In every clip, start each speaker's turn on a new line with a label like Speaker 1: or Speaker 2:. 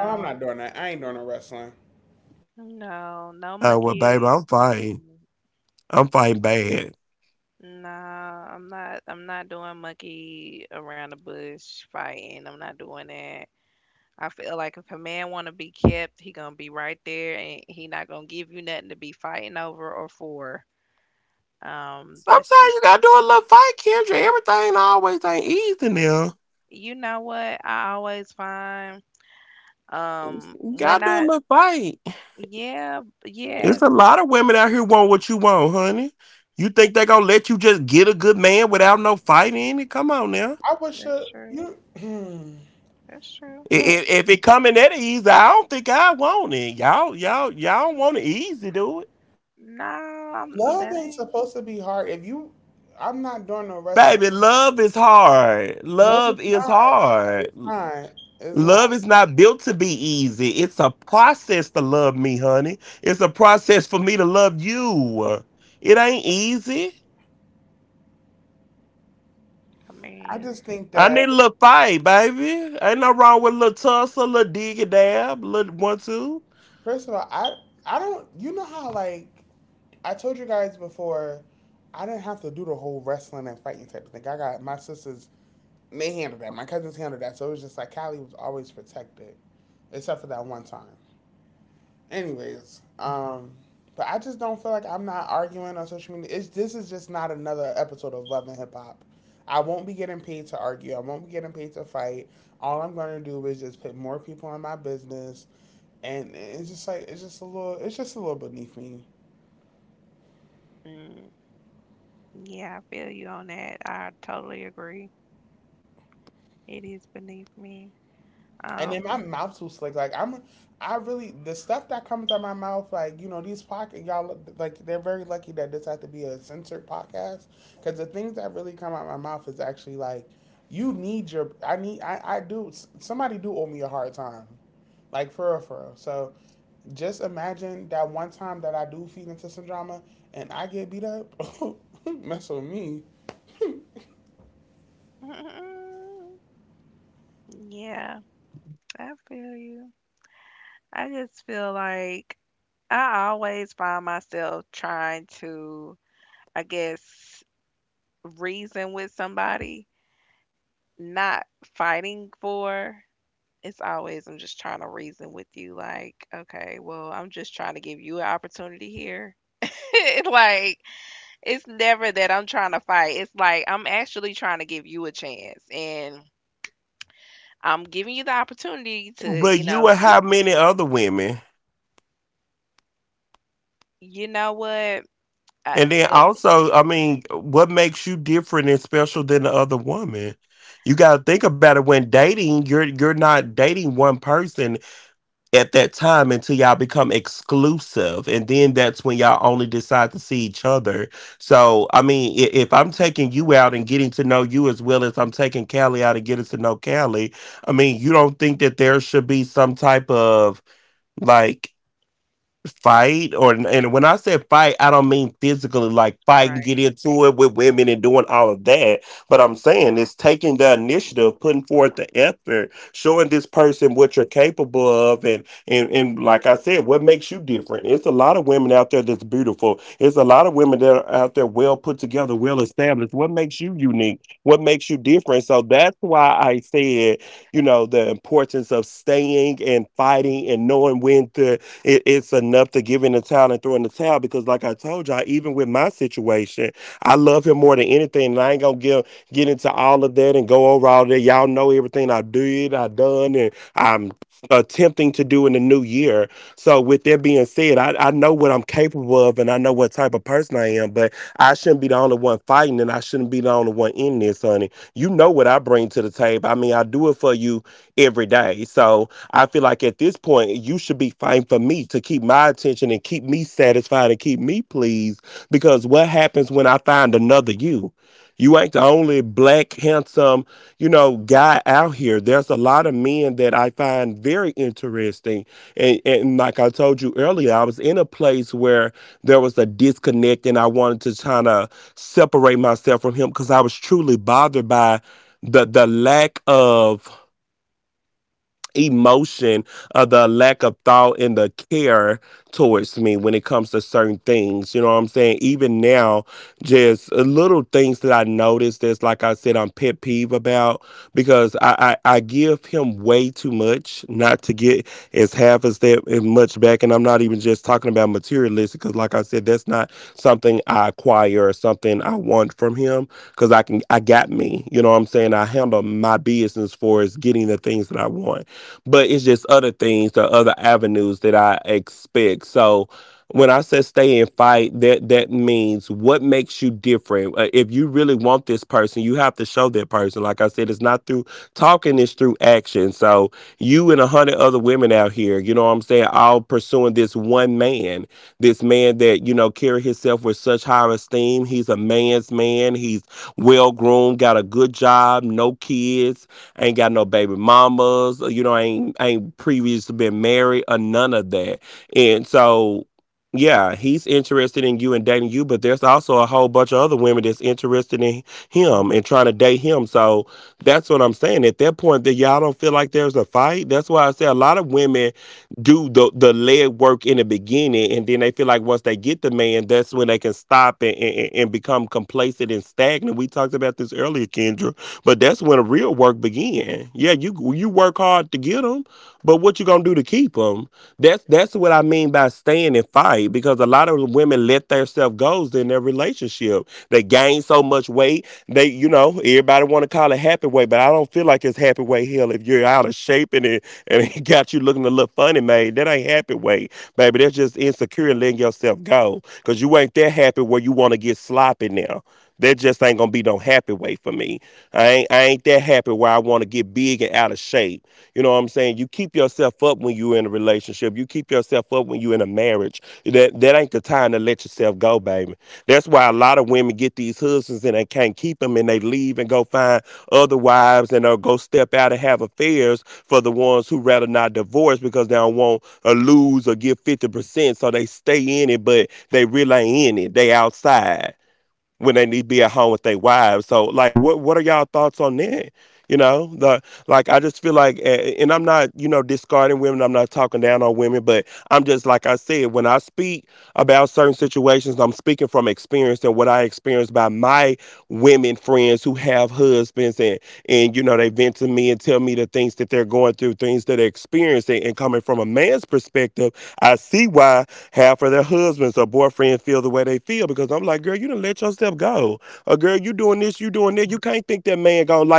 Speaker 1: Oh, I'm not doing that. I ain't doing no wrestling.
Speaker 2: no, monkey. Mm-mm. No, I'm not. I'm not doing monkey around the bush fighting. I'm not doing that. I feel like if a man want to be kept, he gonna be right there, and he not gonna give you nothing to be fighting over or for. That's just, you know what I always find. Um, when I yeah, yes,
Speaker 1: I wish
Speaker 2: that's true.
Speaker 1: you
Speaker 2: That's true. No, I'm-
Speaker 1: love
Speaker 2: that
Speaker 1: ain't
Speaker 2: ain't.
Speaker 1: supposed to be hard. If you, I'm not doing no wrestling. No, it's not. It's not. It's not.
Speaker 2: I
Speaker 1: I
Speaker 2: mean.
Speaker 1: just think that first of all, I don't. You know how like I told you guys before, I didn't have to do the whole wrestling and fighting type of thing. I got my sisters. They handled that. My cousins handled that. So it was just like Callie was always protected, except for that one time. Anyways, but I just don't feel like I'm not arguing on social media. It's this is just not another episode of Love and Hip Hop. I won't be getting paid to argue. I won't be getting paid to fight. All I'm gonna do is just put more people in my business, and it's just like it's just a little it's just a little beneath me.
Speaker 2: Mm. Yeah, I feel you on that. I totally agree. It is beneath me.
Speaker 1: And then my
Speaker 2: Um,
Speaker 1: mouth's too slick. Like I'm, I really the stuff that comes out my mouth. Like these pocket y'all like they're very lucky that this had to be a censored podcast because the things that really come out my mouth is actually like you need your I need I do somebody do owe me a hard time, like for real for real. So just imagine that one time that I do feed into some drama and I get beat up. Mess with me.
Speaker 2: yeah, I feel you. I just feel like I always find myself trying to, I guess, reason with somebody, not fighting for. It's always, I'm just trying to reason with you, like, okay, well, I'm just trying to give you an opportunity here. like It's never that I'm trying to fight. It's like I'm actually trying to give you a chance and I'm giving you the opportunity to, you know, get, you know what? I, that, that's right.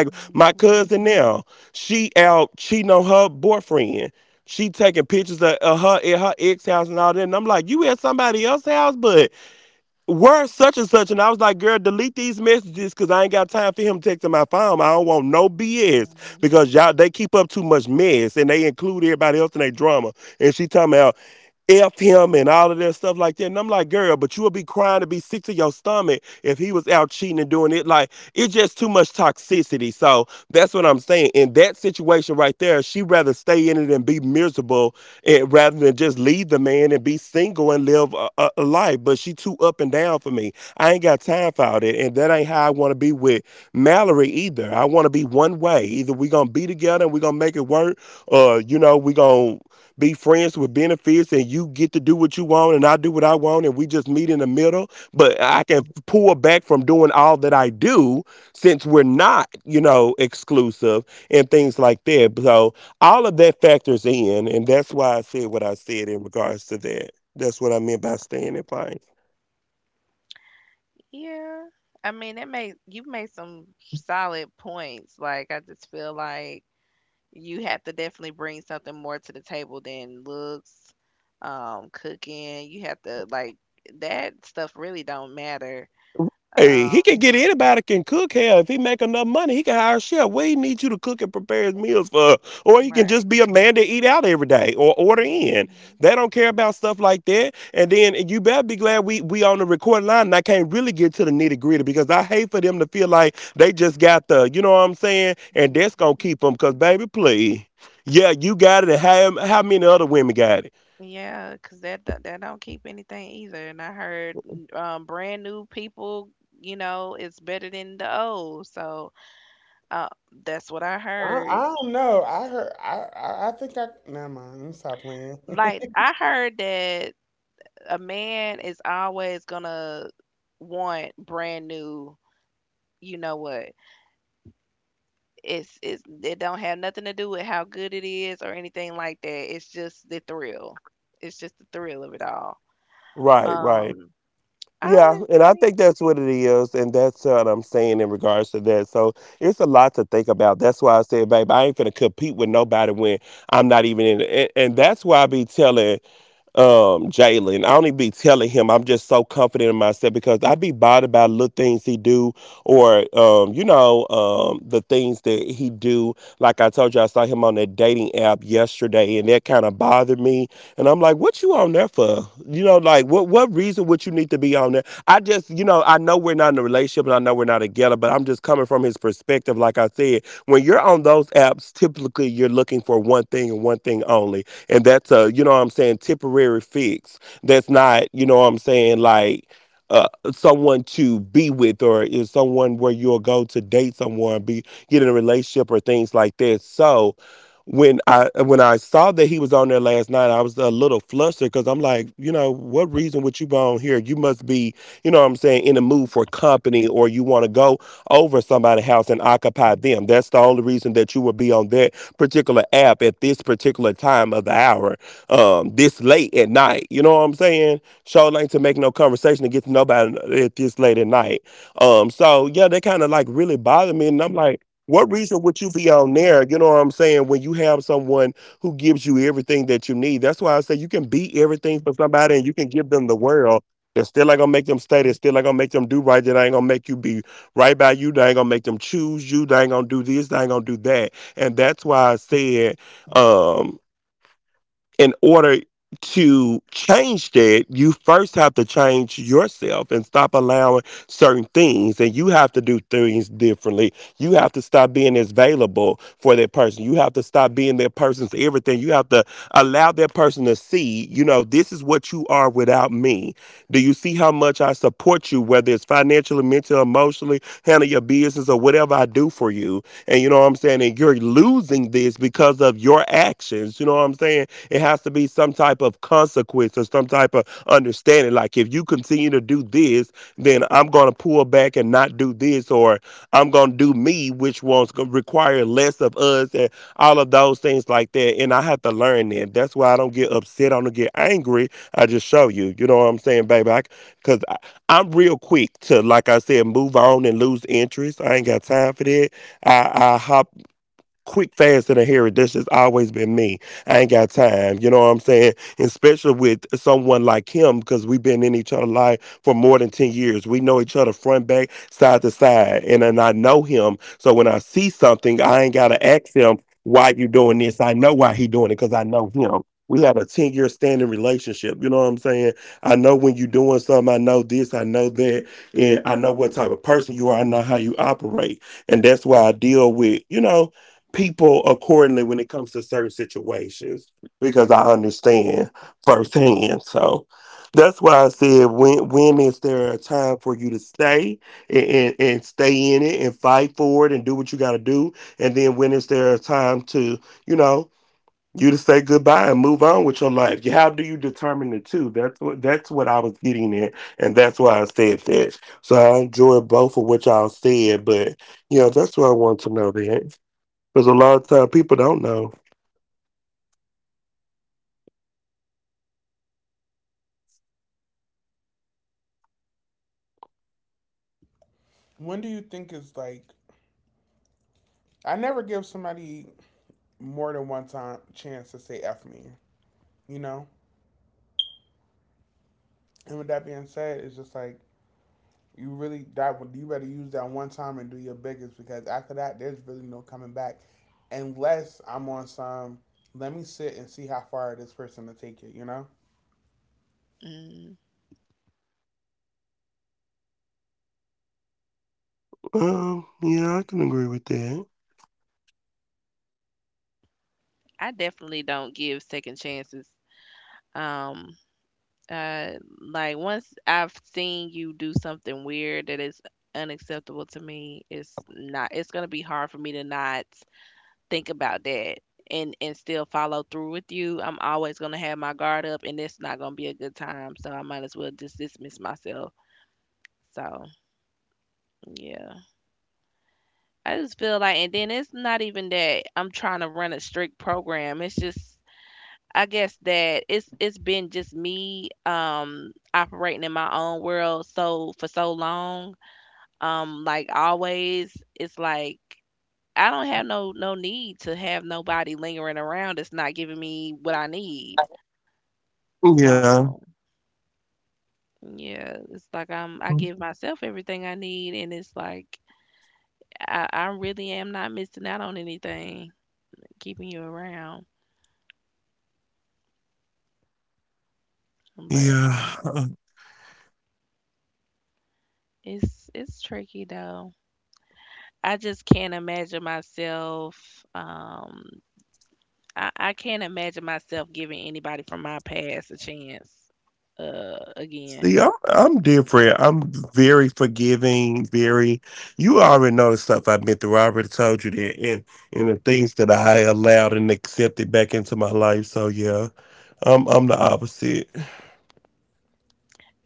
Speaker 2: Mhm. Mhm. Yeah. I mean, that made you made some solid points. Like I just feel like you have to definitely bring something more to the table than looks, cooking. You have to like that stuff really don't matter. Um, right. Mhm, mhm, mhm. Yeah, 'cause that don't keep anything either. And I heard brand new people, you know, it's better than the old. So uh, that's what I
Speaker 1: I,
Speaker 2: heard.
Speaker 1: I don't know. I heard. I think I. Never mind. Let me stop playing.
Speaker 2: Like I heard that a man is always gonna want brand new. You know what? It's it don't have nothing to do with how good it is or anything like that. It's just the thrill. It's just the thrill of it all. Um, honestly.
Speaker 1: When do you think is like I never give somebody more than one time chance to say F me, you know? And with that being said, it's just like you really that you better use that one time and do your biggest because after that there's really no coming back unless I'm on some let me sit and see how far this person to take it, you know?
Speaker 2: Mm. I definitely don't give second chances. Um, uh, like once I've seen you do something weird that is unacceptable to me, it's not. It's gonna be hard for me to not think about that and still follow through with you. I'm always gonna have my guard up, and it's not gonna be a good time. So I might as well just dismiss myself. So yeah, I just feel like, and then it's not even that I'm trying to run a strict program. It's just I guess that it's been just me operating in my own world so for so long. Like always it's like I don't have no need to have nobody lingering around that's not giving me what I need. So yeah, it's like I give myself everything I need and it's like I really am not missing out on anything keeping you around. But it's tricky though. I just can't imagine myself. I can't imagine myself giving anybody from my past a chance. Again,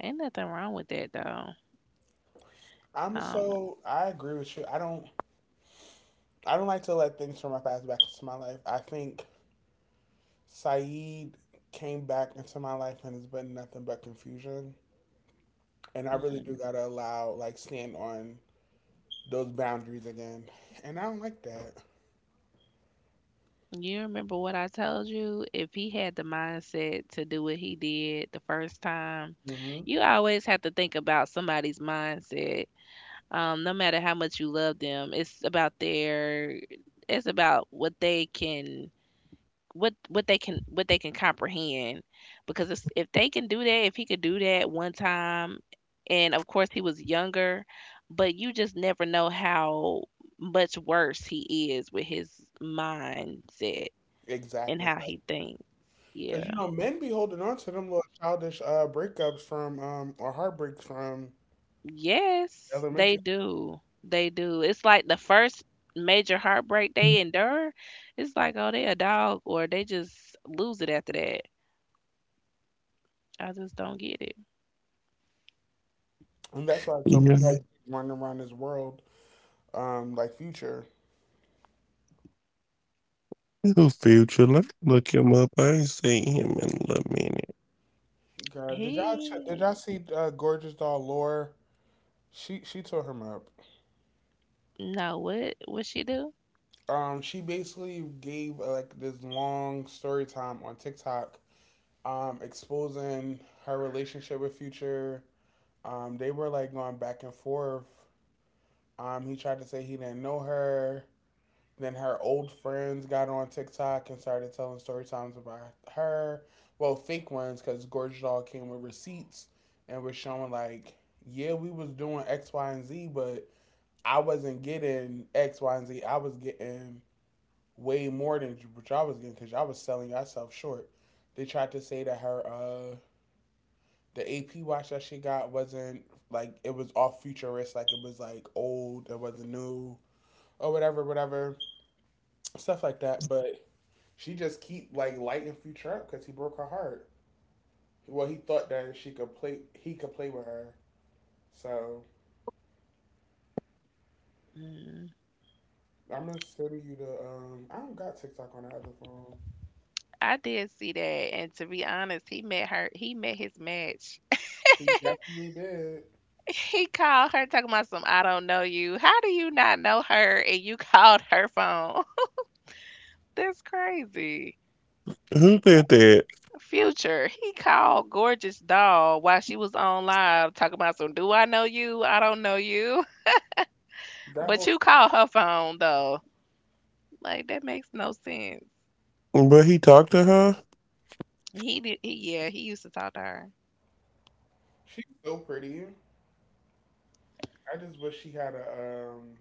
Speaker 2: ain't nothing wrong with that though.
Speaker 1: I'm
Speaker 2: Um,
Speaker 1: so I agree with you. I don't like to let things from my past back into my life. I think Saeed came back into my life and has been nothing but confusion. And I really do
Speaker 2: mm,
Speaker 1: gotta allow like stand on those boundaries again, and I don't like that.
Speaker 2: you remember what I told you? If he had the mindset to do what he did the first time,
Speaker 1: Hmm.
Speaker 2: you always have to think about somebody's mindset. No matter how much you love them, it's about their. it's about what they can what they can comprehend because if they can do that if he could do that one time, and of course he was younger, but you just never know how much worse he is with his mindset and
Speaker 1: Exactly,
Speaker 2: how
Speaker 1: like
Speaker 2: he thinks.
Speaker 1: because
Speaker 2: Yeah,
Speaker 1: men be holding on to them little childish breakups from or heartbreaks from
Speaker 2: yes, they
Speaker 1: elementary,
Speaker 2: do. They do. It's like the first major heartbreak they endure, it's like oh they a dog or they just lose it after that. I just don't get it.
Speaker 1: and that's why so many running around this world like future. God, did
Speaker 2: He
Speaker 1: y'all see Gorgeous Doll Lore? She tore him up.
Speaker 2: No, what she do?
Speaker 1: She basically gave like this long story time on TikTok, exposing her relationship with Future. They were like going back and forth. He tried to say he didn't know her. Then her old friends got on TikTok and started telling story times about her. Well, fake ones because Gorge Doll came with receipts and was showing like, yeah, we was doing X, Y, and Z, but I wasn't getting X, Y, and Z. I was getting way more than what y'all was getting because y'all was selling yourself short. They tried to say that her the AP watch that she got wasn't like it was all futurist, like it was like old, it wasn't new or whatever, whatever stuff like that. But she just keep like lighting Future up because he broke her heart. Well, he could play with her. So
Speaker 2: Mm,
Speaker 1: I'm gonna send you the. I don't got TikTok on the other phone.
Speaker 2: I did see that, and to be honest, he met her. He met his match.
Speaker 1: He definitely did
Speaker 2: He called her talking about some I don't know you. How do you not know her and you called her phone? That's crazy. Future, he called Gorgeous Doll while she was on live talking about some do I know you? I don't know you.
Speaker 1: that
Speaker 2: But
Speaker 1: whole.
Speaker 2: you
Speaker 1: Si,
Speaker 2: called her phone though. Like that makes no sense. Yeah, he used to talk to her.
Speaker 1: she's so pretty. I just wish she had a.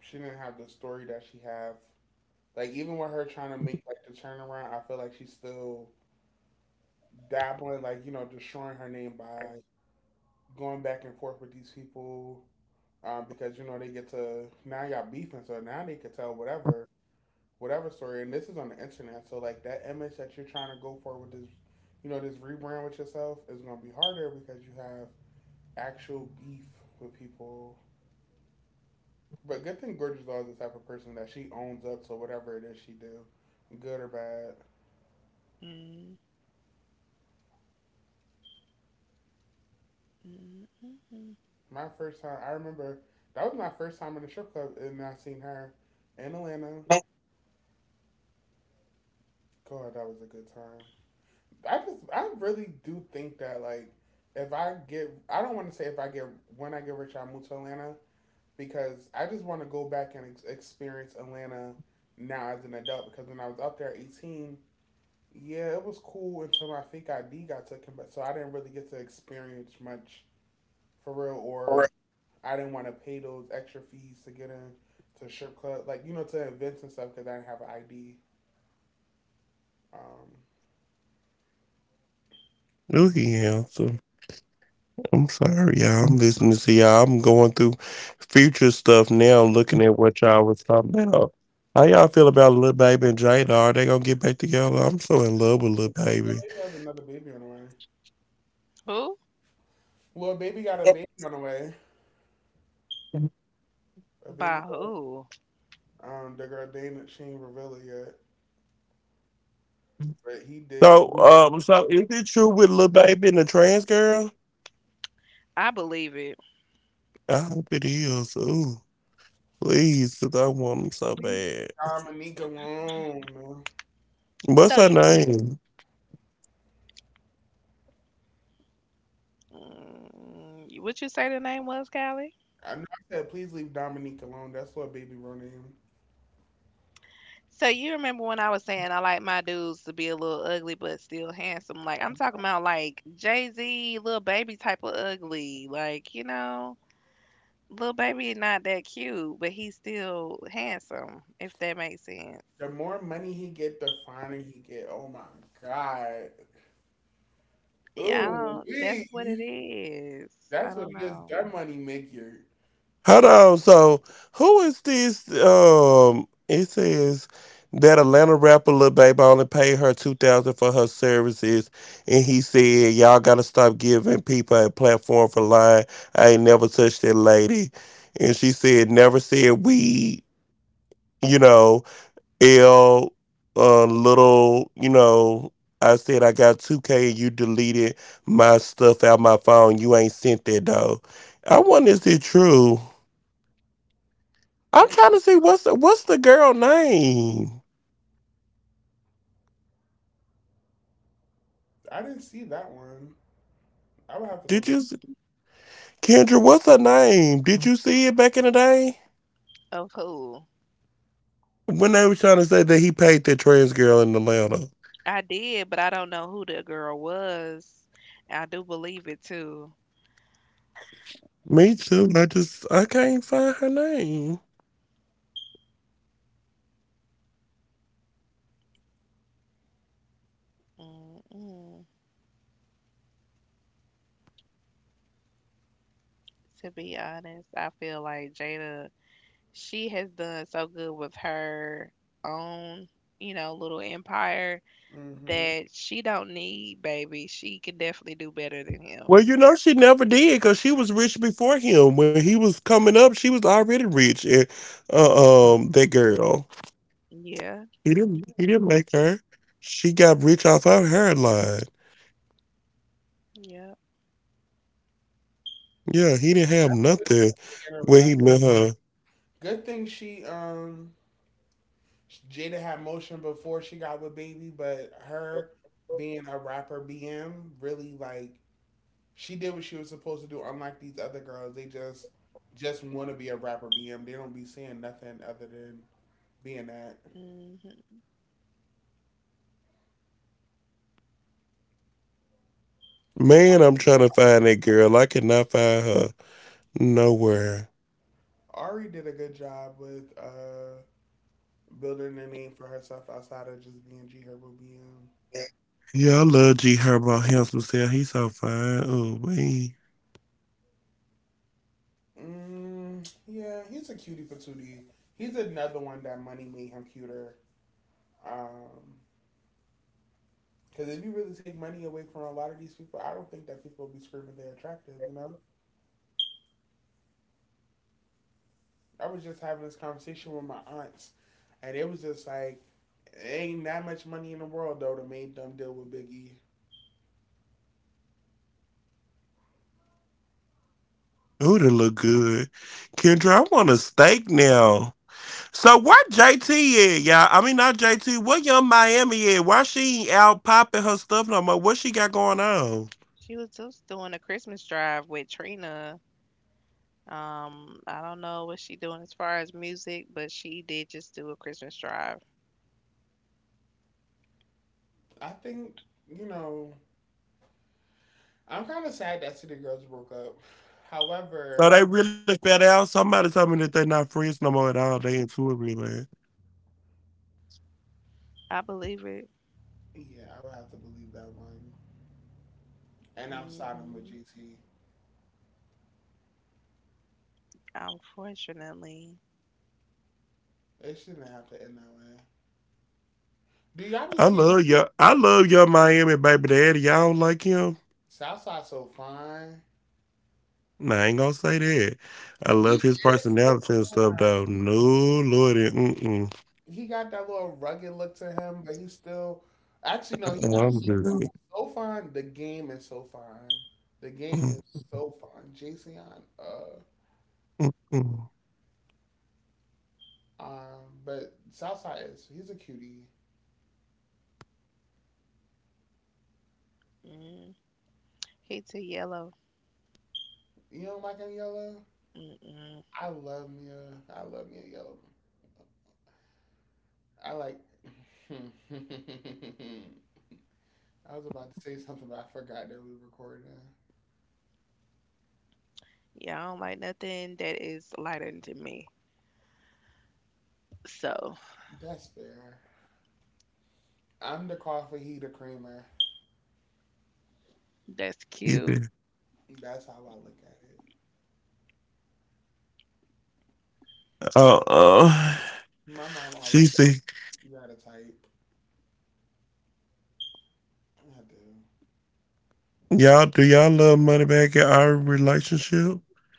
Speaker 1: she didn't have the story that she have. Like even with her trying to make like the turnaround, I feel like she's still dabbling, like, destroying her name by going back and forth with these people. Because they get to now y'all beefing, so now they could tell whatever whatever story. And this is on the internet, so like that image that you're trying to go for with this, this rebrand with yourself is gonna be harder because you have actual beef with people. But good thing Gorgeous Law is the type of person that she owns up to whatever it is she do, good or bad.
Speaker 2: Mm, mm, mm, mm.
Speaker 1: My first time, I remember that was my first time in the strip club, and I seen her in Atlanta. God, that was a good time. I really do think that like, if I get, I don't want to say if I get when I get rich, I move to Atlanta because I just want to go back and experience Atlanta now as an adult because when I was up there at 18. Yeah, it was cool until my fake ID got taken, but so I didn't really get to experience much for real or I didn't want to pay those extra fees to get in to strip club, like, to events and stuff because I didn't have an ID. Um, Lil Baby has another baby on the way.
Speaker 2: Who?
Speaker 1: Lil Baby got a baby on the way. A baby.
Speaker 2: By who?
Speaker 1: The girl Dana, she ain't revealed it yet, but he did.
Speaker 2: I believe it.
Speaker 1: Please, leave Dominique alone.
Speaker 2: So, what you say the name was, Callie?
Speaker 1: I know I said please leave Dominique alone. That's what baby real name.
Speaker 2: So you remember when I was saying I like my dudes to be a little ugly but still handsome? Like I'm talking about like Jay Z, little baby type of ugly. Like you know, little baby not that cute, but he's still handsome. If that makes sense.
Speaker 1: The more money he get, the finer he get. Oh my god.
Speaker 2: Yeah, I
Speaker 1: Ooh,
Speaker 2: don't. That's what
Speaker 1: wee.
Speaker 2: it is. I
Speaker 1: That's what
Speaker 2: don't
Speaker 1: it is.
Speaker 2: know.
Speaker 1: That money make you. Mm. I didn't see that one. I would have to go look.
Speaker 2: Of who? I did, but I don't know who the girl was. I do believe it too. Mm-mm. To be honest, I feel like Jada, she has done so good with her own, you know, little empire
Speaker 1: Mm-hmm.
Speaker 2: that she don't need baby. She can definitely do better than him. Yeah, yeah.
Speaker 1: Deanna Ra- Good thing she Jada had motion before she got with Baby, but her being a rapper BM really like she did what she was supposed to do. Unlike these other girls, they just want to be a rapper BM. They don't be saying nothing other than being that.
Speaker 2: Hmm.
Speaker 1: Ari did a good job with building a name for herself outside of just being G Herbo BM. Mm, yeah, he's a cutie patootie. He's another one that money made him cuter. Um, because if you really take money away from a lot of these people, I don't think that people will be screaming they're attractive. I was just having this conversation with my aunts, and it was just like, ain't that much money in the world though to make them deal with Biggie.
Speaker 2: She was just doing a Christmas drive with Trina. I don't know what she doing as far as music, but she did just do a Christmas drive.
Speaker 1: I think you know, I'm kind of sad that City Girls broke up. However,
Speaker 2: I believe it.
Speaker 1: yeah, I would have to believe that one. And I'm siding with
Speaker 2: Mhm.
Speaker 1: GT.
Speaker 2: Unfortunately.
Speaker 1: It shouldn't have to end that way. Do y'all be seeing Southside so fine? He is. So, he got that little rugged look to him, but he's still. Actually, no, he not so fine. The game is so fine. The game is so fine. Jason, Yon, but Southside is. He's a cutie.
Speaker 2: Mm. He too yellow.
Speaker 1: You don't like him yellow?
Speaker 2: Mm-mm.
Speaker 1: I love Mia. I love Mia Yellow. I like. I was about to say something, but I forgot that we were recording.
Speaker 2: Yeah, I don't like nothing that is lighter than me. So
Speaker 1: That's fair. I'm the coffee, he the creamer.
Speaker 2: that's cute.
Speaker 1: That's how I look at it. My mom always said, you got a type. I do.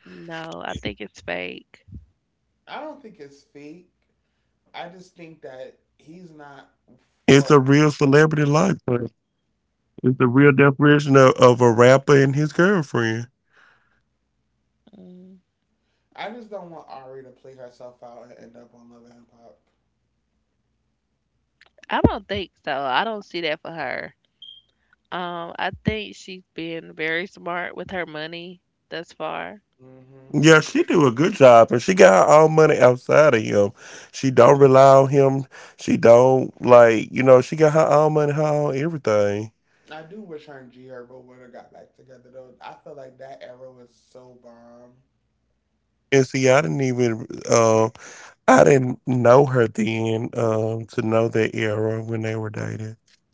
Speaker 2: No, I think it's fake.
Speaker 1: I don't think it's fake. I just think that he's not for.
Speaker 2: Mm.
Speaker 1: I just don't want Ari to play herself out and end up on Love and Hip Hop.
Speaker 2: I don't think so. I don't see that for her. I think she's been very smart with her money thus far.
Speaker 1: Hmm. I do wish her and G Herbo would have got back together though. I feel like that era was so bomb.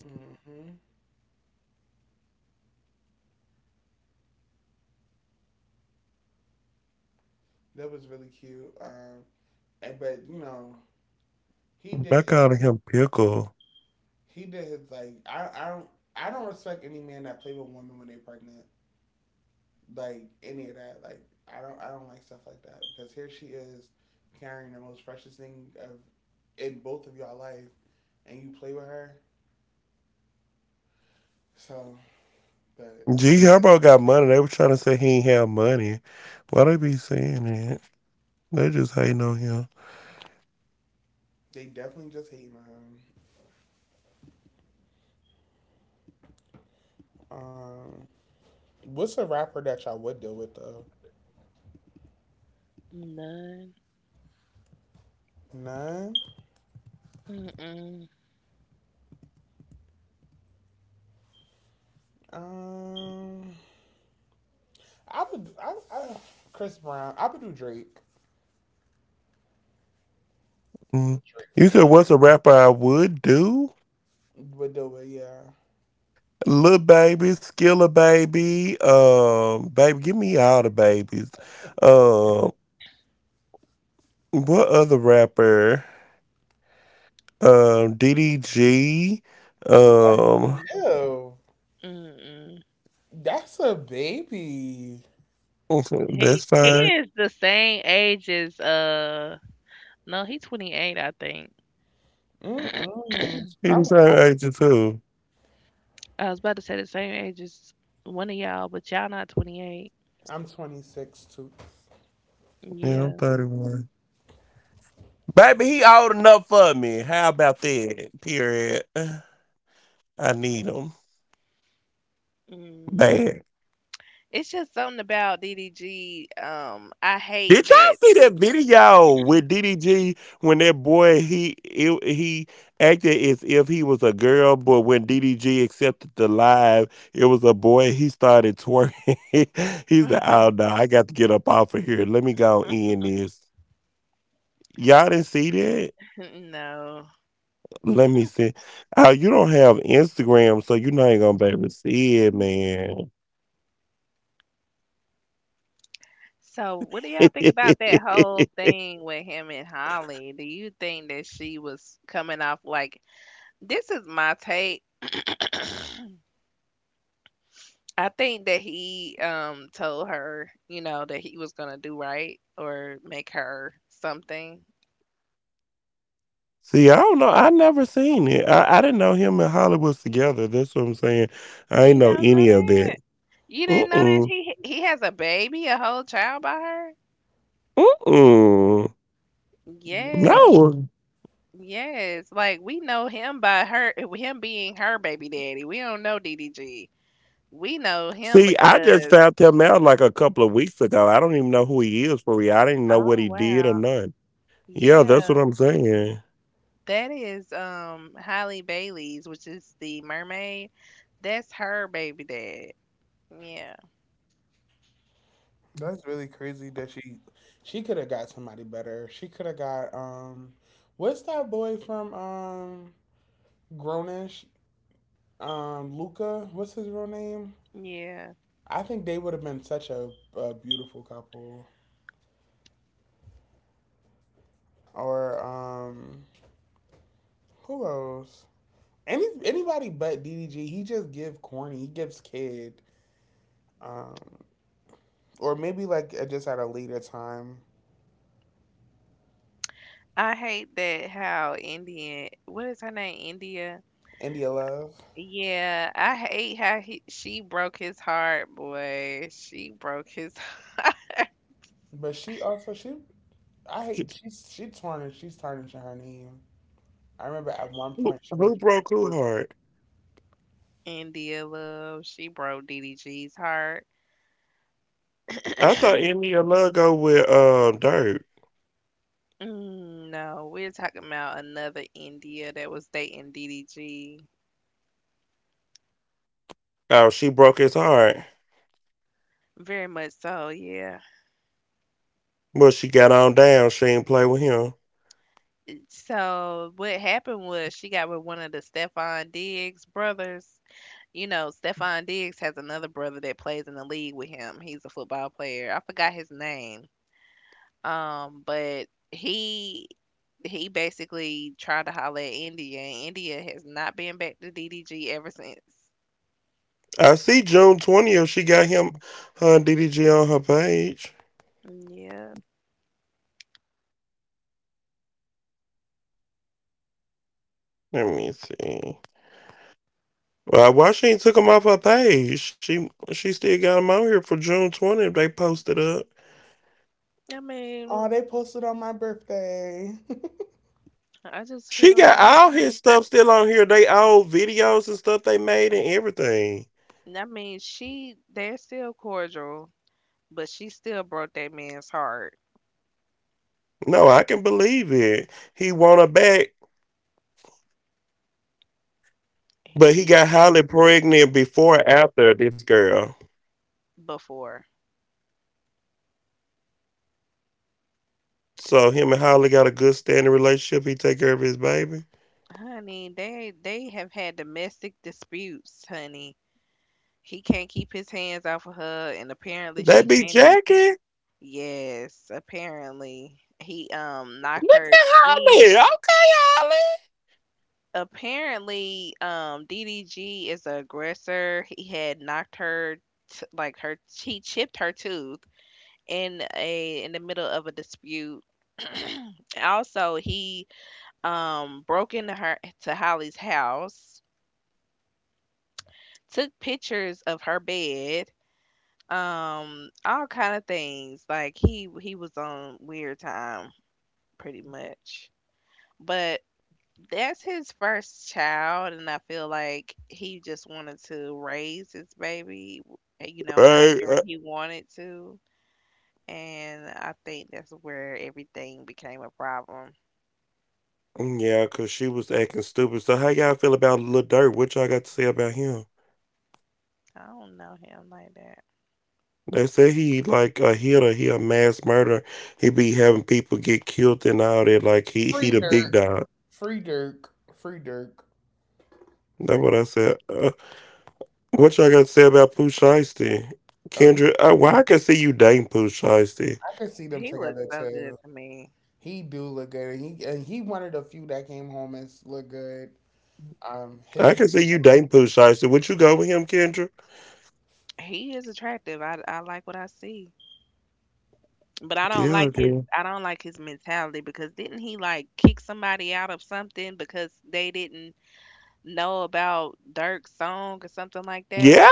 Speaker 1: Hmm. That was really cute. And but he did he did his like I don't I don't respect any man that play with women when they pregnant. Like any of that. Like I don't like stuff like that because here she is carrying the most precious thing of in both of y'all life, and you play with her. So, but they definitely just hate him. Um, what's a rapper that y'all would deal with though?
Speaker 2: None.
Speaker 1: None.
Speaker 2: Mm-mm.
Speaker 1: Um, I would. I Chris Brown. I would do Drake. Drake for sure. Would deal with yeah.
Speaker 2: Mm-mm.
Speaker 1: Ew.
Speaker 2: Mm-mm.
Speaker 1: That's a baby.
Speaker 2: He is the same age as no, he's 28, I think.
Speaker 1: Mm-mm.
Speaker 2: I was about to say the same age as one of y'all, but y'all not 28.
Speaker 1: I'm 26 too.
Speaker 2: Yeah. Mm. It's just something about DDG. I hate that. No. So, what do y'all think about that whole thing with him and Holly? Do you think that she was coming off like this is my take? I think that he told her, you know, that he was gonna do right or make her something. You don't know that? You didn't know that he has a baby, a whole child by her?
Speaker 1: Yeah,
Speaker 2: Yes, yes. Like we know him by her, him being her baby daddy. We don't know DDG. We know him because Oh wow, yeah, that is Holly Bailey's, which is the mermaid. That's her baby dad. Yeah,
Speaker 1: that's really crazy that she could have got somebody better. She could have got what's that boy from Grownish Luca? What's his real name?
Speaker 2: yeah.
Speaker 1: I think they would have been such a beautiful couple. Or who else? Any anybody but DDG. He just give corny. He gives kid. Um, or maybe like just at a later time.
Speaker 2: I hate that how Indian. What is her name? India.
Speaker 1: India Love,
Speaker 2: Yeah, I hate how he she broke his heart, boy. She broke his
Speaker 1: but she also she I hate she tarnished she's tarnishing her name. I remember at one point she was
Speaker 2: India love. She broke DDG's heart. Mm, no, we're talking about another India that was dating DDG. Very much so, yeah. So what happened was she got with one of the Stefan Diggs brothers. You know, Stefan Diggs has another brother that plays in the league with him. He's a football player. I forgot his name. But he basically tried to holler at India, and India has not been back to DDG ever since. Yeah, I mean,
Speaker 1: oh they posted on my birthday.
Speaker 2: I just feel like I mean she they're still cordial, but she still broke that man's heart. He before, honey, they have had domestic disputes, honey. He can't keep his hands off of her, and apparently she can't. Either. Yes, apparently he knocked her teeth apparently, DDG is the aggressor. He had knocked her, t- like her, she chipped her tooth in the middle of a dispute. Also, he broke into her to Holly's house, took pictures of her bed, all kind of things. Like he was on weird time, pretty much. But that's his first child, and I feel like he just wanted to raise his baby, w you know, however he wanted to, and I think that's where everything became a problem. I don't know him like that.
Speaker 1: Free Dirk, free Dirk, free Dirk, free. Oh, he, I could see them
Speaker 2: He looks
Speaker 1: together
Speaker 2: so
Speaker 1: too.
Speaker 2: good to me.
Speaker 1: He do look good, and he one of the few that came home and look good. His
Speaker 2: He is attractive. I like what I see. But I don't like his mentality because didn't he like kick somebody out of something because they didn't know about Dirk's song or something like that?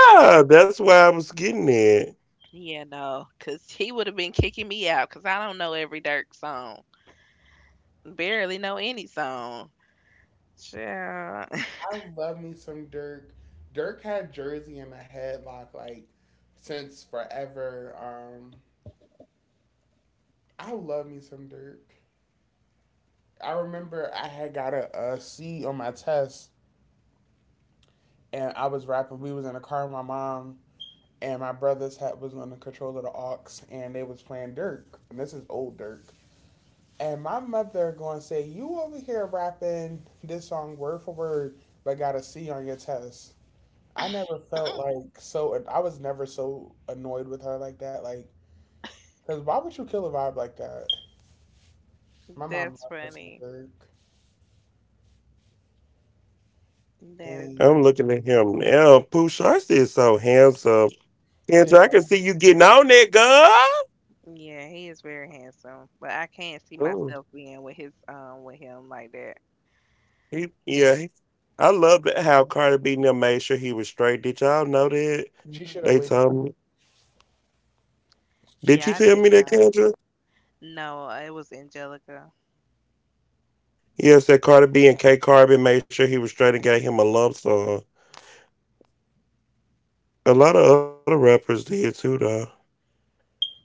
Speaker 2: Yeah, no, cause he would have been kicking me out, cause I don't know every Dirk song. Barely know any song. Child.
Speaker 1: I love me some Dirk. Dirk had Jersey in a headlock like since forever. I love me some Dirk. I remember I had got a C on my test, and I was rapping. We was in a car with my mom, and my brother's hat was on the control of the aux, and they was playing Dirk. And this is old Dirk. And my mother going to say, "You over here rapping this song word for word, but got a C on your test." I never felt like so. I was never so annoyed with her like that. Like, cause why would you kill a vibe like that? My mom
Speaker 2: That's
Speaker 1: left us in
Speaker 2: funny.
Speaker 1: the dark.
Speaker 2: That is
Speaker 1: Thing.
Speaker 2: funny.
Speaker 1: Did
Speaker 2: Yeah, yeah, he is very handsome, but I can't see myself being with his with him like that.
Speaker 1: She should have
Speaker 2: Mm,
Speaker 1: waited? She
Speaker 2: yeah,
Speaker 1: sh-
Speaker 2: I didn't know. No, it was Angelica.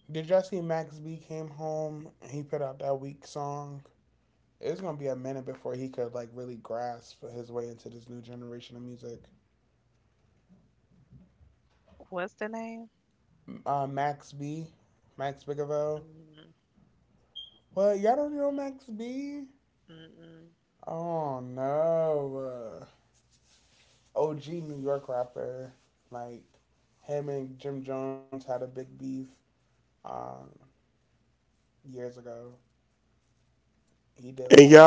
Speaker 1: did y'all see Max B came home and he put out that weak song? It's gonna be a minute before he could like really grasp his way into this new generation of music.
Speaker 2: What's the name?
Speaker 1: Max B, Max Bigavell.
Speaker 2: Mm,
Speaker 1: What y'all don't know Max B?
Speaker 2: mm-mm.
Speaker 1: Oh no. OG New York rapper. Like him and Jim Jones had a big beef um, years ago. He did like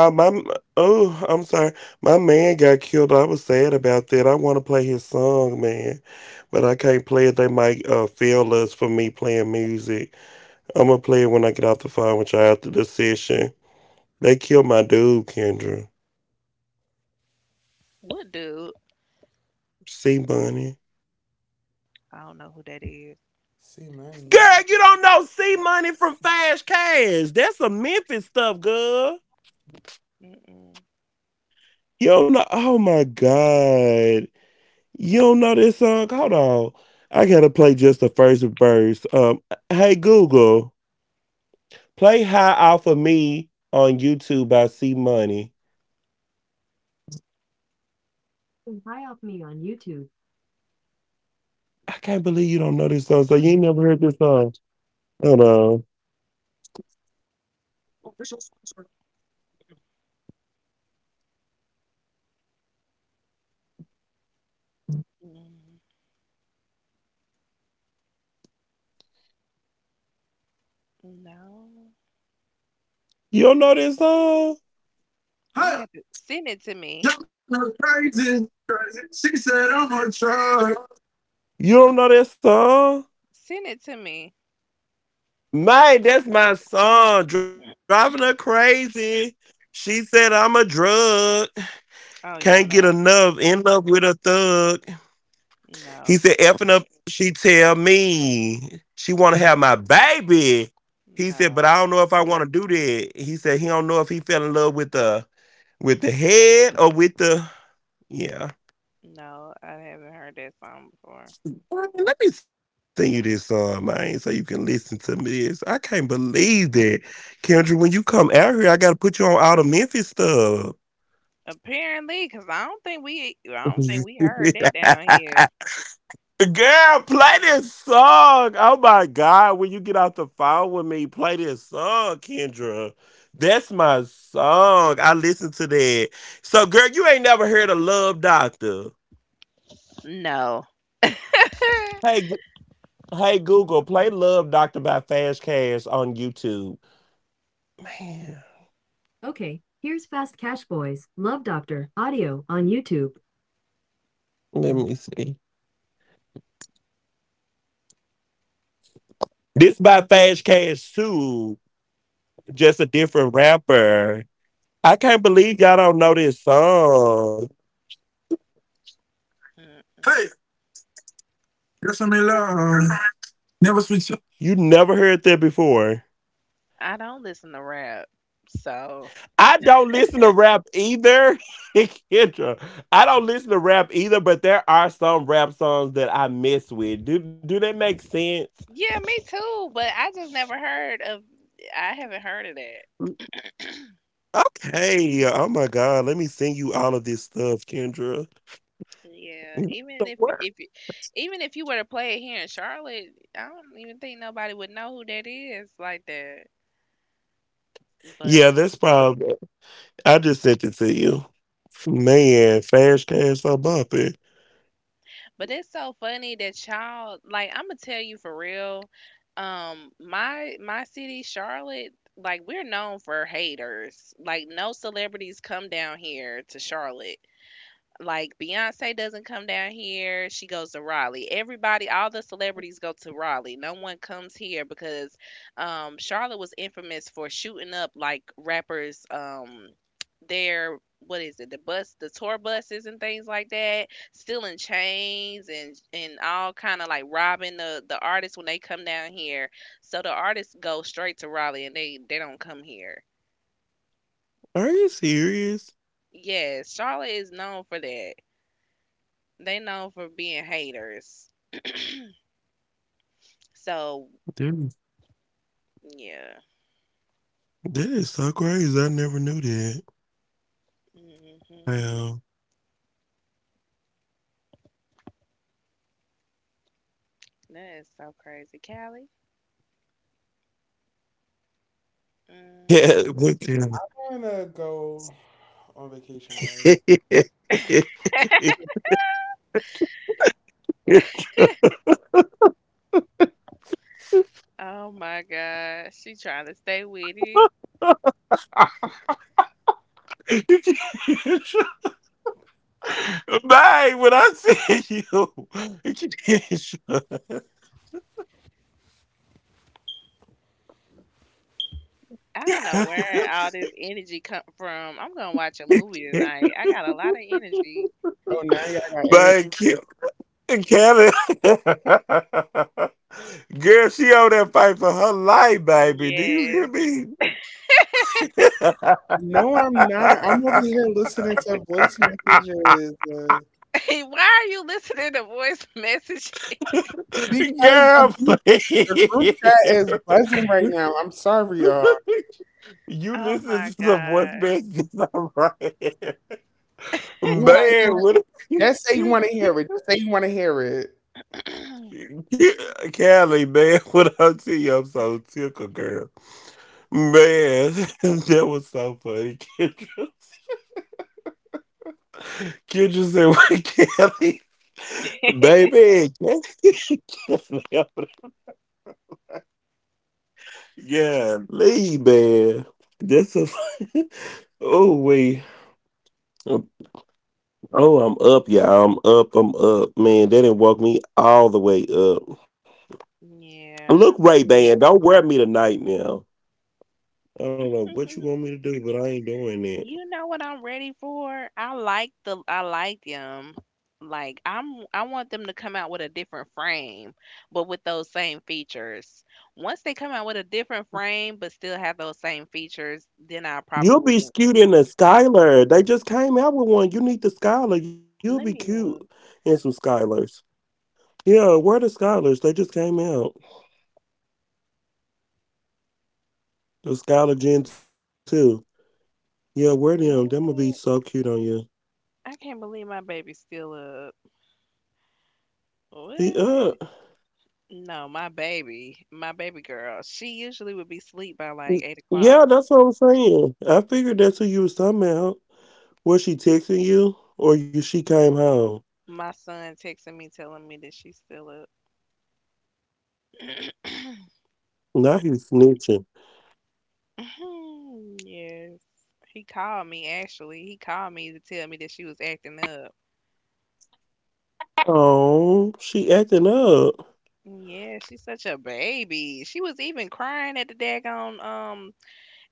Speaker 2: What dude? I don't know who that is.
Speaker 1: see money.
Speaker 2: Mm-mm. Mm, no. You have to send it to me. Send it to me. Oh yeah, no, no, no, no. I haven't heard that song before. Apparently, because I don't think we heard that down here. No. Mm-mm. I don't listen to rap. So yeah, me too. But I just never heard of. I haven't heard of that. Yeah, even if you were to play it here in Charlotte, I don't even think nobody would know who that is like that. But but it's so funny that y'all like I'm gonna tell you for real. My city, Charlotte, like we're known for haters. Like no celebrities come down here to Charlotte. Like Beyonce doesn't come down here. She goes to Raleigh. Everybody, all the celebrities go to Raleigh. No one comes here because Charlotte was infamous for shooting up like rappers. Their what is it? The bus, the tour buses and things like that. Stealing chains and all kind of like robbing the artists when they come down here. So the artists go straight to Raleigh and they don't come here. Yes, Charlotte is known for that. They known for being haters. So, yeah. Mhm. That is so crazy. Callie? Mm.
Speaker 1: I'm gonna go on vacation, guys.
Speaker 2: Oh my God. She trying to stay with it. I don't know where all this energy come from. I'm gonna watch a movie tonight. I got a lot of energy.
Speaker 1: Oh, now y'all got energy.
Speaker 2: Yes.
Speaker 1: No, I'm not. I'm over here listening to voice messages
Speaker 2: Why are you listening to voice message?
Speaker 1: because the group chat is buzzing right now. I'm sorry, y'all.
Speaker 2: Oh my God.
Speaker 1: You want to hear it? Just say you want to hear it. Just say you want to hear it.
Speaker 2: Yeah. You know what I'm ready for? I like the I like them. Like I'm I want them to come out with a different frame, but with those same features. Once they come out with a different frame but still have those same features, then I'll probably let me look. What? I can't believe my baby's still up. What? No, my baby girl. She usually would be asleep by like 8 o'clock. My son texting me telling me that she's still up. Yes. He called me actually. He called me to tell me that she was acting up. Yeah, she's such a baby. She was even crying at the daggone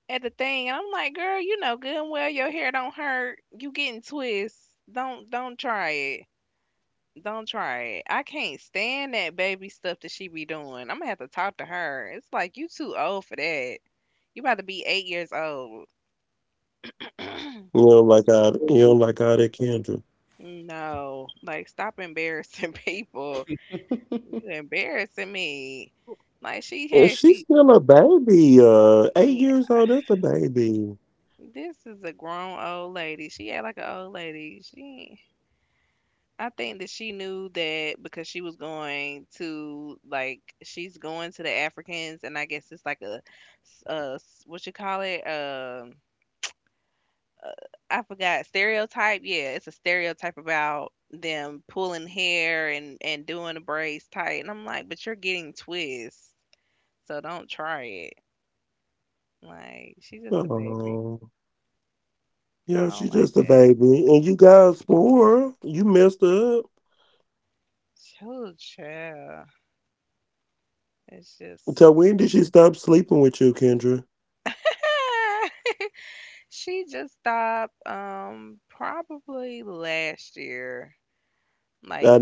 Speaker 2: at the thing. And I'm like, girl, you know good and well your hair don't hurt. You getting twists. Don't try it. Don't try it. I can't stand that baby stuff that she be doing. I'm gonna have to talk to her. It's like you too old for that. You about to be 8 years old. No. Like stop embarrassing people. You embarrassing me. Like she had she yeah, this is a grown old lady. She act like an old lady. She I think that she knew that because she was going to like she's going to the Africans and I guess it's like a, what you call it I forgot stereotype. Yeah, it's a stereotype about them pulling hair and doing the braids tight. And I'm like, but you're getting twists, so don't try it. Like she's just a baby. I don't like that. So chill. It's just she just stopped probably last year. Like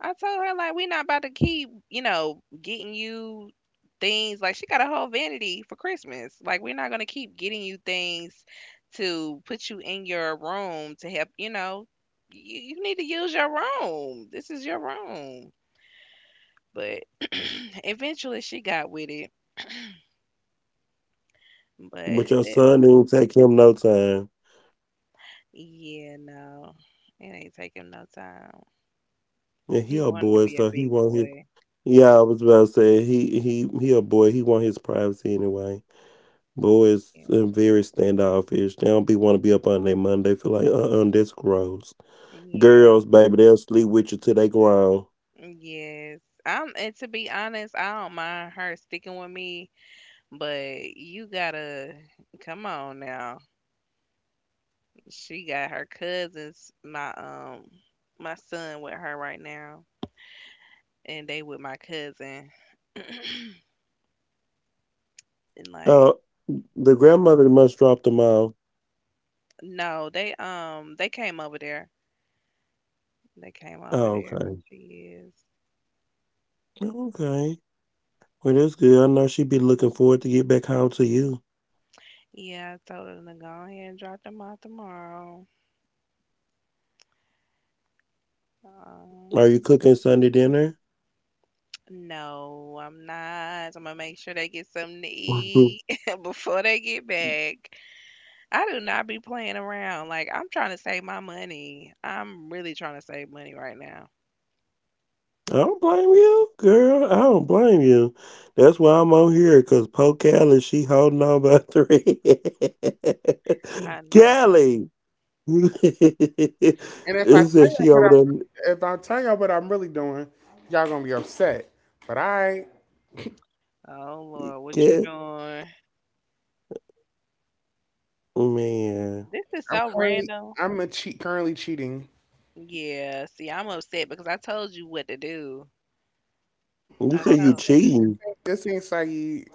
Speaker 2: I told her like we not about to keep, you know, getting you things like she got a whole vanity for Christmas. Like we're not gonna keep getting you things to put you in your room to help, you know, you need to use your room. This is your room. But eventually she got with it. But that yeah, no. It ain't take him no time. He wanted to be a big boy. Yeah. Yeah. Yes. And to be honest, I don't mind her sticking with me, but you gotta come on now. She got her cousins, my my son with her right now, and they with my cousin. And like no, they came over there. They came over there where she is. Yeah, I told him to go ahead and drop them out tomorrow. Um, no, I'm not. I'm gonna make sure they get something to eat before they get back. I do not be playing around. Like I'm trying to save my money. I'm really trying to save money right now. I know. Right?
Speaker 1: And if I tell y'all what I'm really, if I tell y'all what I'm really doing, y'all gonna be upset. But I
Speaker 2: Oh Lord, what you doing? This is
Speaker 1: I'm
Speaker 2: so
Speaker 1: currently
Speaker 2: random.
Speaker 1: I'm a cheat currently cheating.
Speaker 2: Yeah. See, I'm upset because I told you what to do. I told you.
Speaker 1: This ain't Saeed.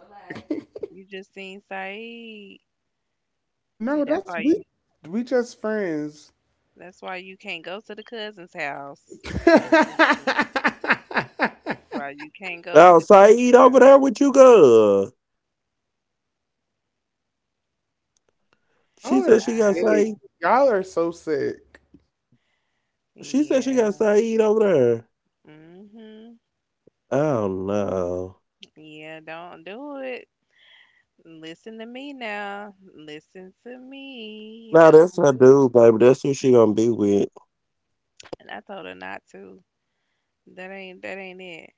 Speaker 2: You just seen Saeed. See,
Speaker 1: No,
Speaker 2: that's
Speaker 1: that's
Speaker 2: why you.
Speaker 1: we just friends.
Speaker 2: That's why you can't go to the cousin's house.
Speaker 1: y'all
Speaker 2: Why you can't go to the cousin's house.
Speaker 1: are sick.
Speaker 2: Ah,
Speaker 1: Y'all are so sick.
Speaker 2: yeah. Mhm. Yeah, don't do it. Listen to me now. Listen to me. Don't do it. And I told her not to. That ain't it.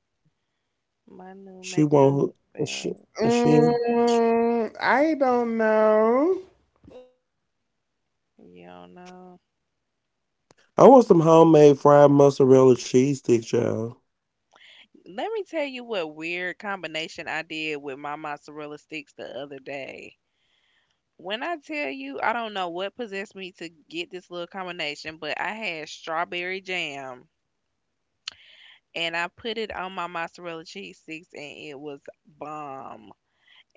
Speaker 2: My new makeup bag.
Speaker 1: I don't know.
Speaker 2: You don't know. Let me tell you what weird combination I did with my mozzarella sticks the other day. When I tell you, I don't know what possessed me to get this little combination, but I had strawberry jam and I put it on my mozzarella cheese sticks and it was bomb.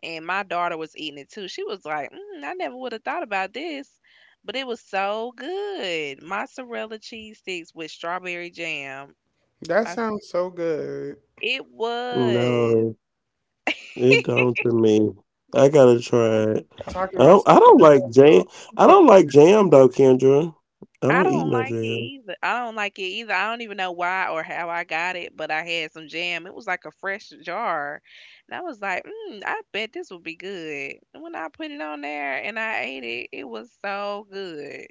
Speaker 2: And my daughter was eating it too. She was like, mm, I never would have thought about this, but it was so good. Mozzarella cheese sticks with strawberry jam.
Speaker 1: That
Speaker 2: I,
Speaker 1: sounds so good.
Speaker 2: it was.
Speaker 1: Talking about some-
Speaker 2: I don't like it either. I don't like it either. I don't even know why or how I got it, but I had some jam. It was like a fresh jar. And I was like, mm, I bet this would be good. And when I put it on there and I ate it, it was so good.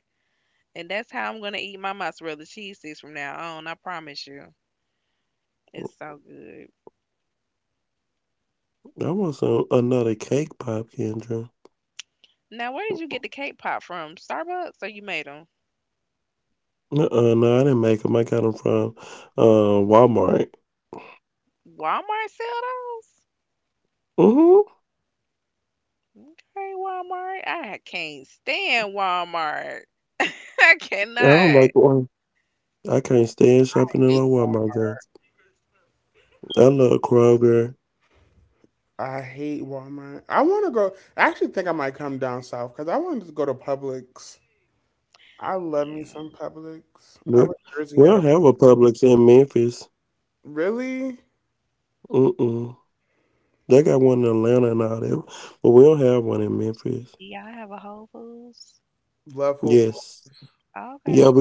Speaker 2: And that's how I'm going to eat my mozzarella cheese sticks from now on. I promise you. It's so good. Now, where did you get the cake pop from? Starbucks or you made them? Walmart sell those? Okay, Walmart. I can't stand Walmart. I cannot.
Speaker 1: I hate Walmart. I want to go. I actually think I might come down south because I wanted to go to Publix. I love me
Speaker 2: Yeah.
Speaker 1: some Publix. I wish Jersey had a really
Speaker 2: Do y'all have a Whole Foods?
Speaker 1: love Whole Foods.
Speaker 2: Okay.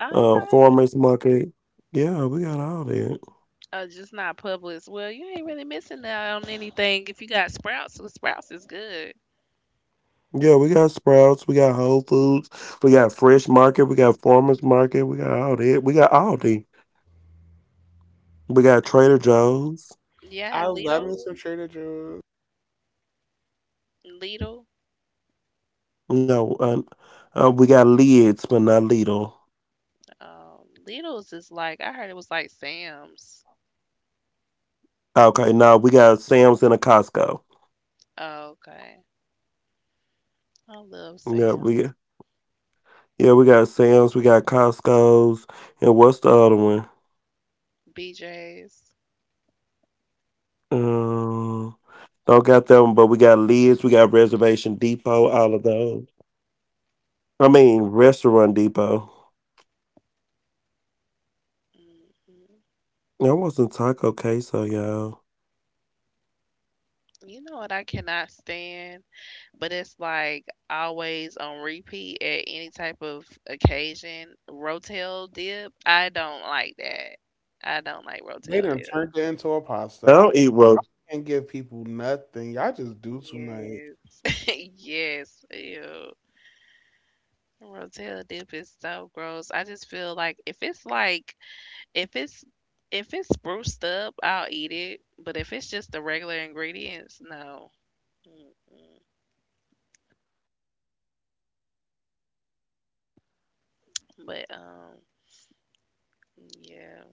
Speaker 2: Okay. Just not Publix. Well, you ain't really missing out on anything if you got Sprouts. Well, Sprouts is good. Yeah, I
Speaker 1: I
Speaker 2: have
Speaker 1: love
Speaker 2: Lidl.
Speaker 1: me some Trader Joe's.
Speaker 2: Lidl. Lidl's is like I heard it was like Sam's. Oh, okay. I love Sam. BJ's. Hmm. You know what I cannot stand? But it's like always on repeat at any type of occasion. Rotel dip, I don't like that. I don't like
Speaker 1: They
Speaker 2: Rotel
Speaker 1: done
Speaker 2: dip.
Speaker 1: turned it into a pasta. I can't give people nothing. Y'all just do too much.
Speaker 2: Yes, yes, ew. Rotel dip is so gross. I just feel like if it's like if it's if it's spruced up, I'll eat it. But if it's just the regular ingredients, no. Mm-mm. But yeah.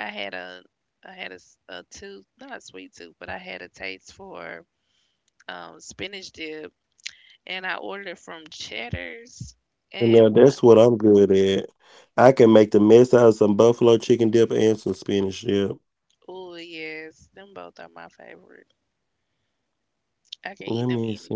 Speaker 2: I had a I had a, a tooth, not a sweet tooth, but I had a taste for spinach dip, and I ordered it from Cheddar's. And what? Oh yes, them both are my favorite. I can eat them any.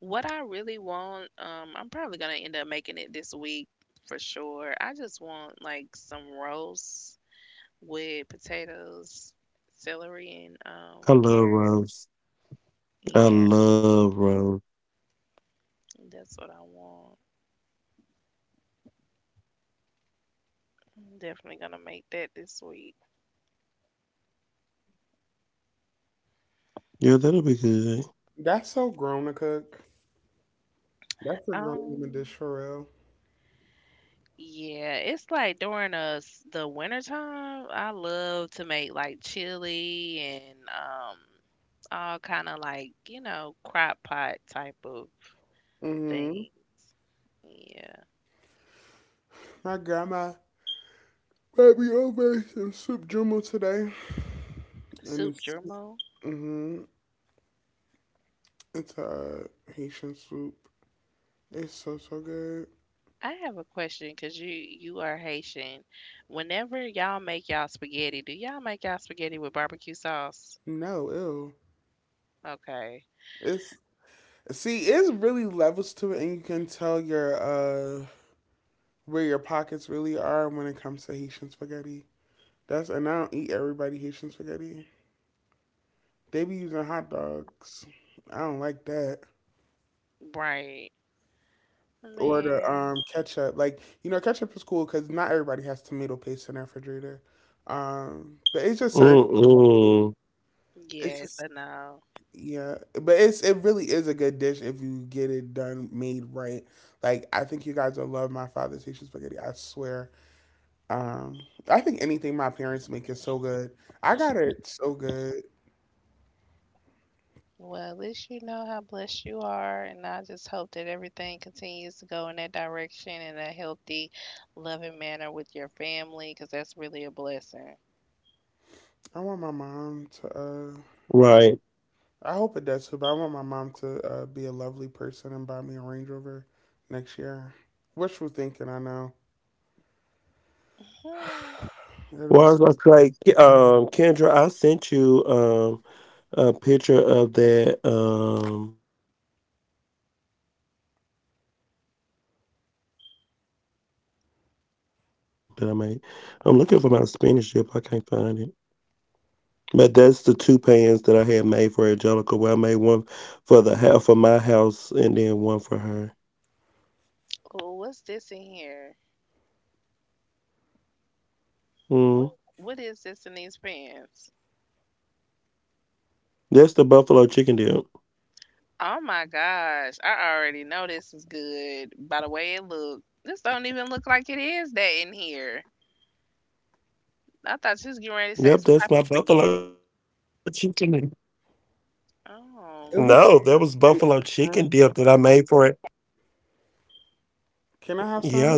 Speaker 2: What I really want, I'm probably gonna end up making it this week for sure. I just want like some roast with potatoes, celery, and carrot. Yeah, that's what I want. I'm definitely gonna make that this week.
Speaker 1: That's so grown to cook. That's a grown
Speaker 2: Um,
Speaker 1: woman dish for real.
Speaker 2: yeah, it's like during the winter time, I love to make like chili and all kind of like, you know, crock pot type of
Speaker 1: Mm-hmm.
Speaker 2: things. Yeah.
Speaker 1: My grandma made me over some soup jumbo today, and
Speaker 2: Soup
Speaker 1: it's
Speaker 2: germo.
Speaker 1: mm-hmm. It's a Haitian soup. It's so so good.
Speaker 2: I have a question because you are Haitian. Whenever y'all make y'all spaghetti, do y'all make y'all spaghetti with barbecue sauce?
Speaker 1: No, ew.
Speaker 2: Okay.
Speaker 1: It's it's really levels to it, and you can tell your where your pockets really are when it comes to Haitian spaghetti. That's and I don't eat everybody Haitian spaghetti. They be using
Speaker 2: Mhm.
Speaker 1: hot dogs. I don't like that.
Speaker 2: Right.
Speaker 1: Or the
Speaker 2: Man.
Speaker 1: ketchup, like you know, ketchup is cool because not everybody has tomato paste in their refrigerator. But it's just certain. It's
Speaker 2: Yes,
Speaker 1: just
Speaker 2: I know.
Speaker 1: Yeah, but it really is a good dish if you get it done made right. Like I think you guys will love my father's Haitian spaghetti. I swear. Um, I think anything my parents make is so good. I got it so good.
Speaker 2: Well, at least you know how blessed you are, and I just hope that everything continues to go in that direction in a healthy, loving manner with your family, because that's really a blessing.
Speaker 1: I want my mom to. I hope it does too, but I want my mom to be a lovely person and buy me a Range Rover next year. Wishful thinking, I know.
Speaker 2: Hmm.
Speaker 1: It'll be.
Speaker 2: Oh, what's this in here? What What is this in these pants? Oh my gosh, I already know this is good by the way it look. This don't even look like it is that in here. I thought she was getting ready to say some type of spaghetti. Oh
Speaker 1: It was
Speaker 2: man.
Speaker 1: great. Can I have some?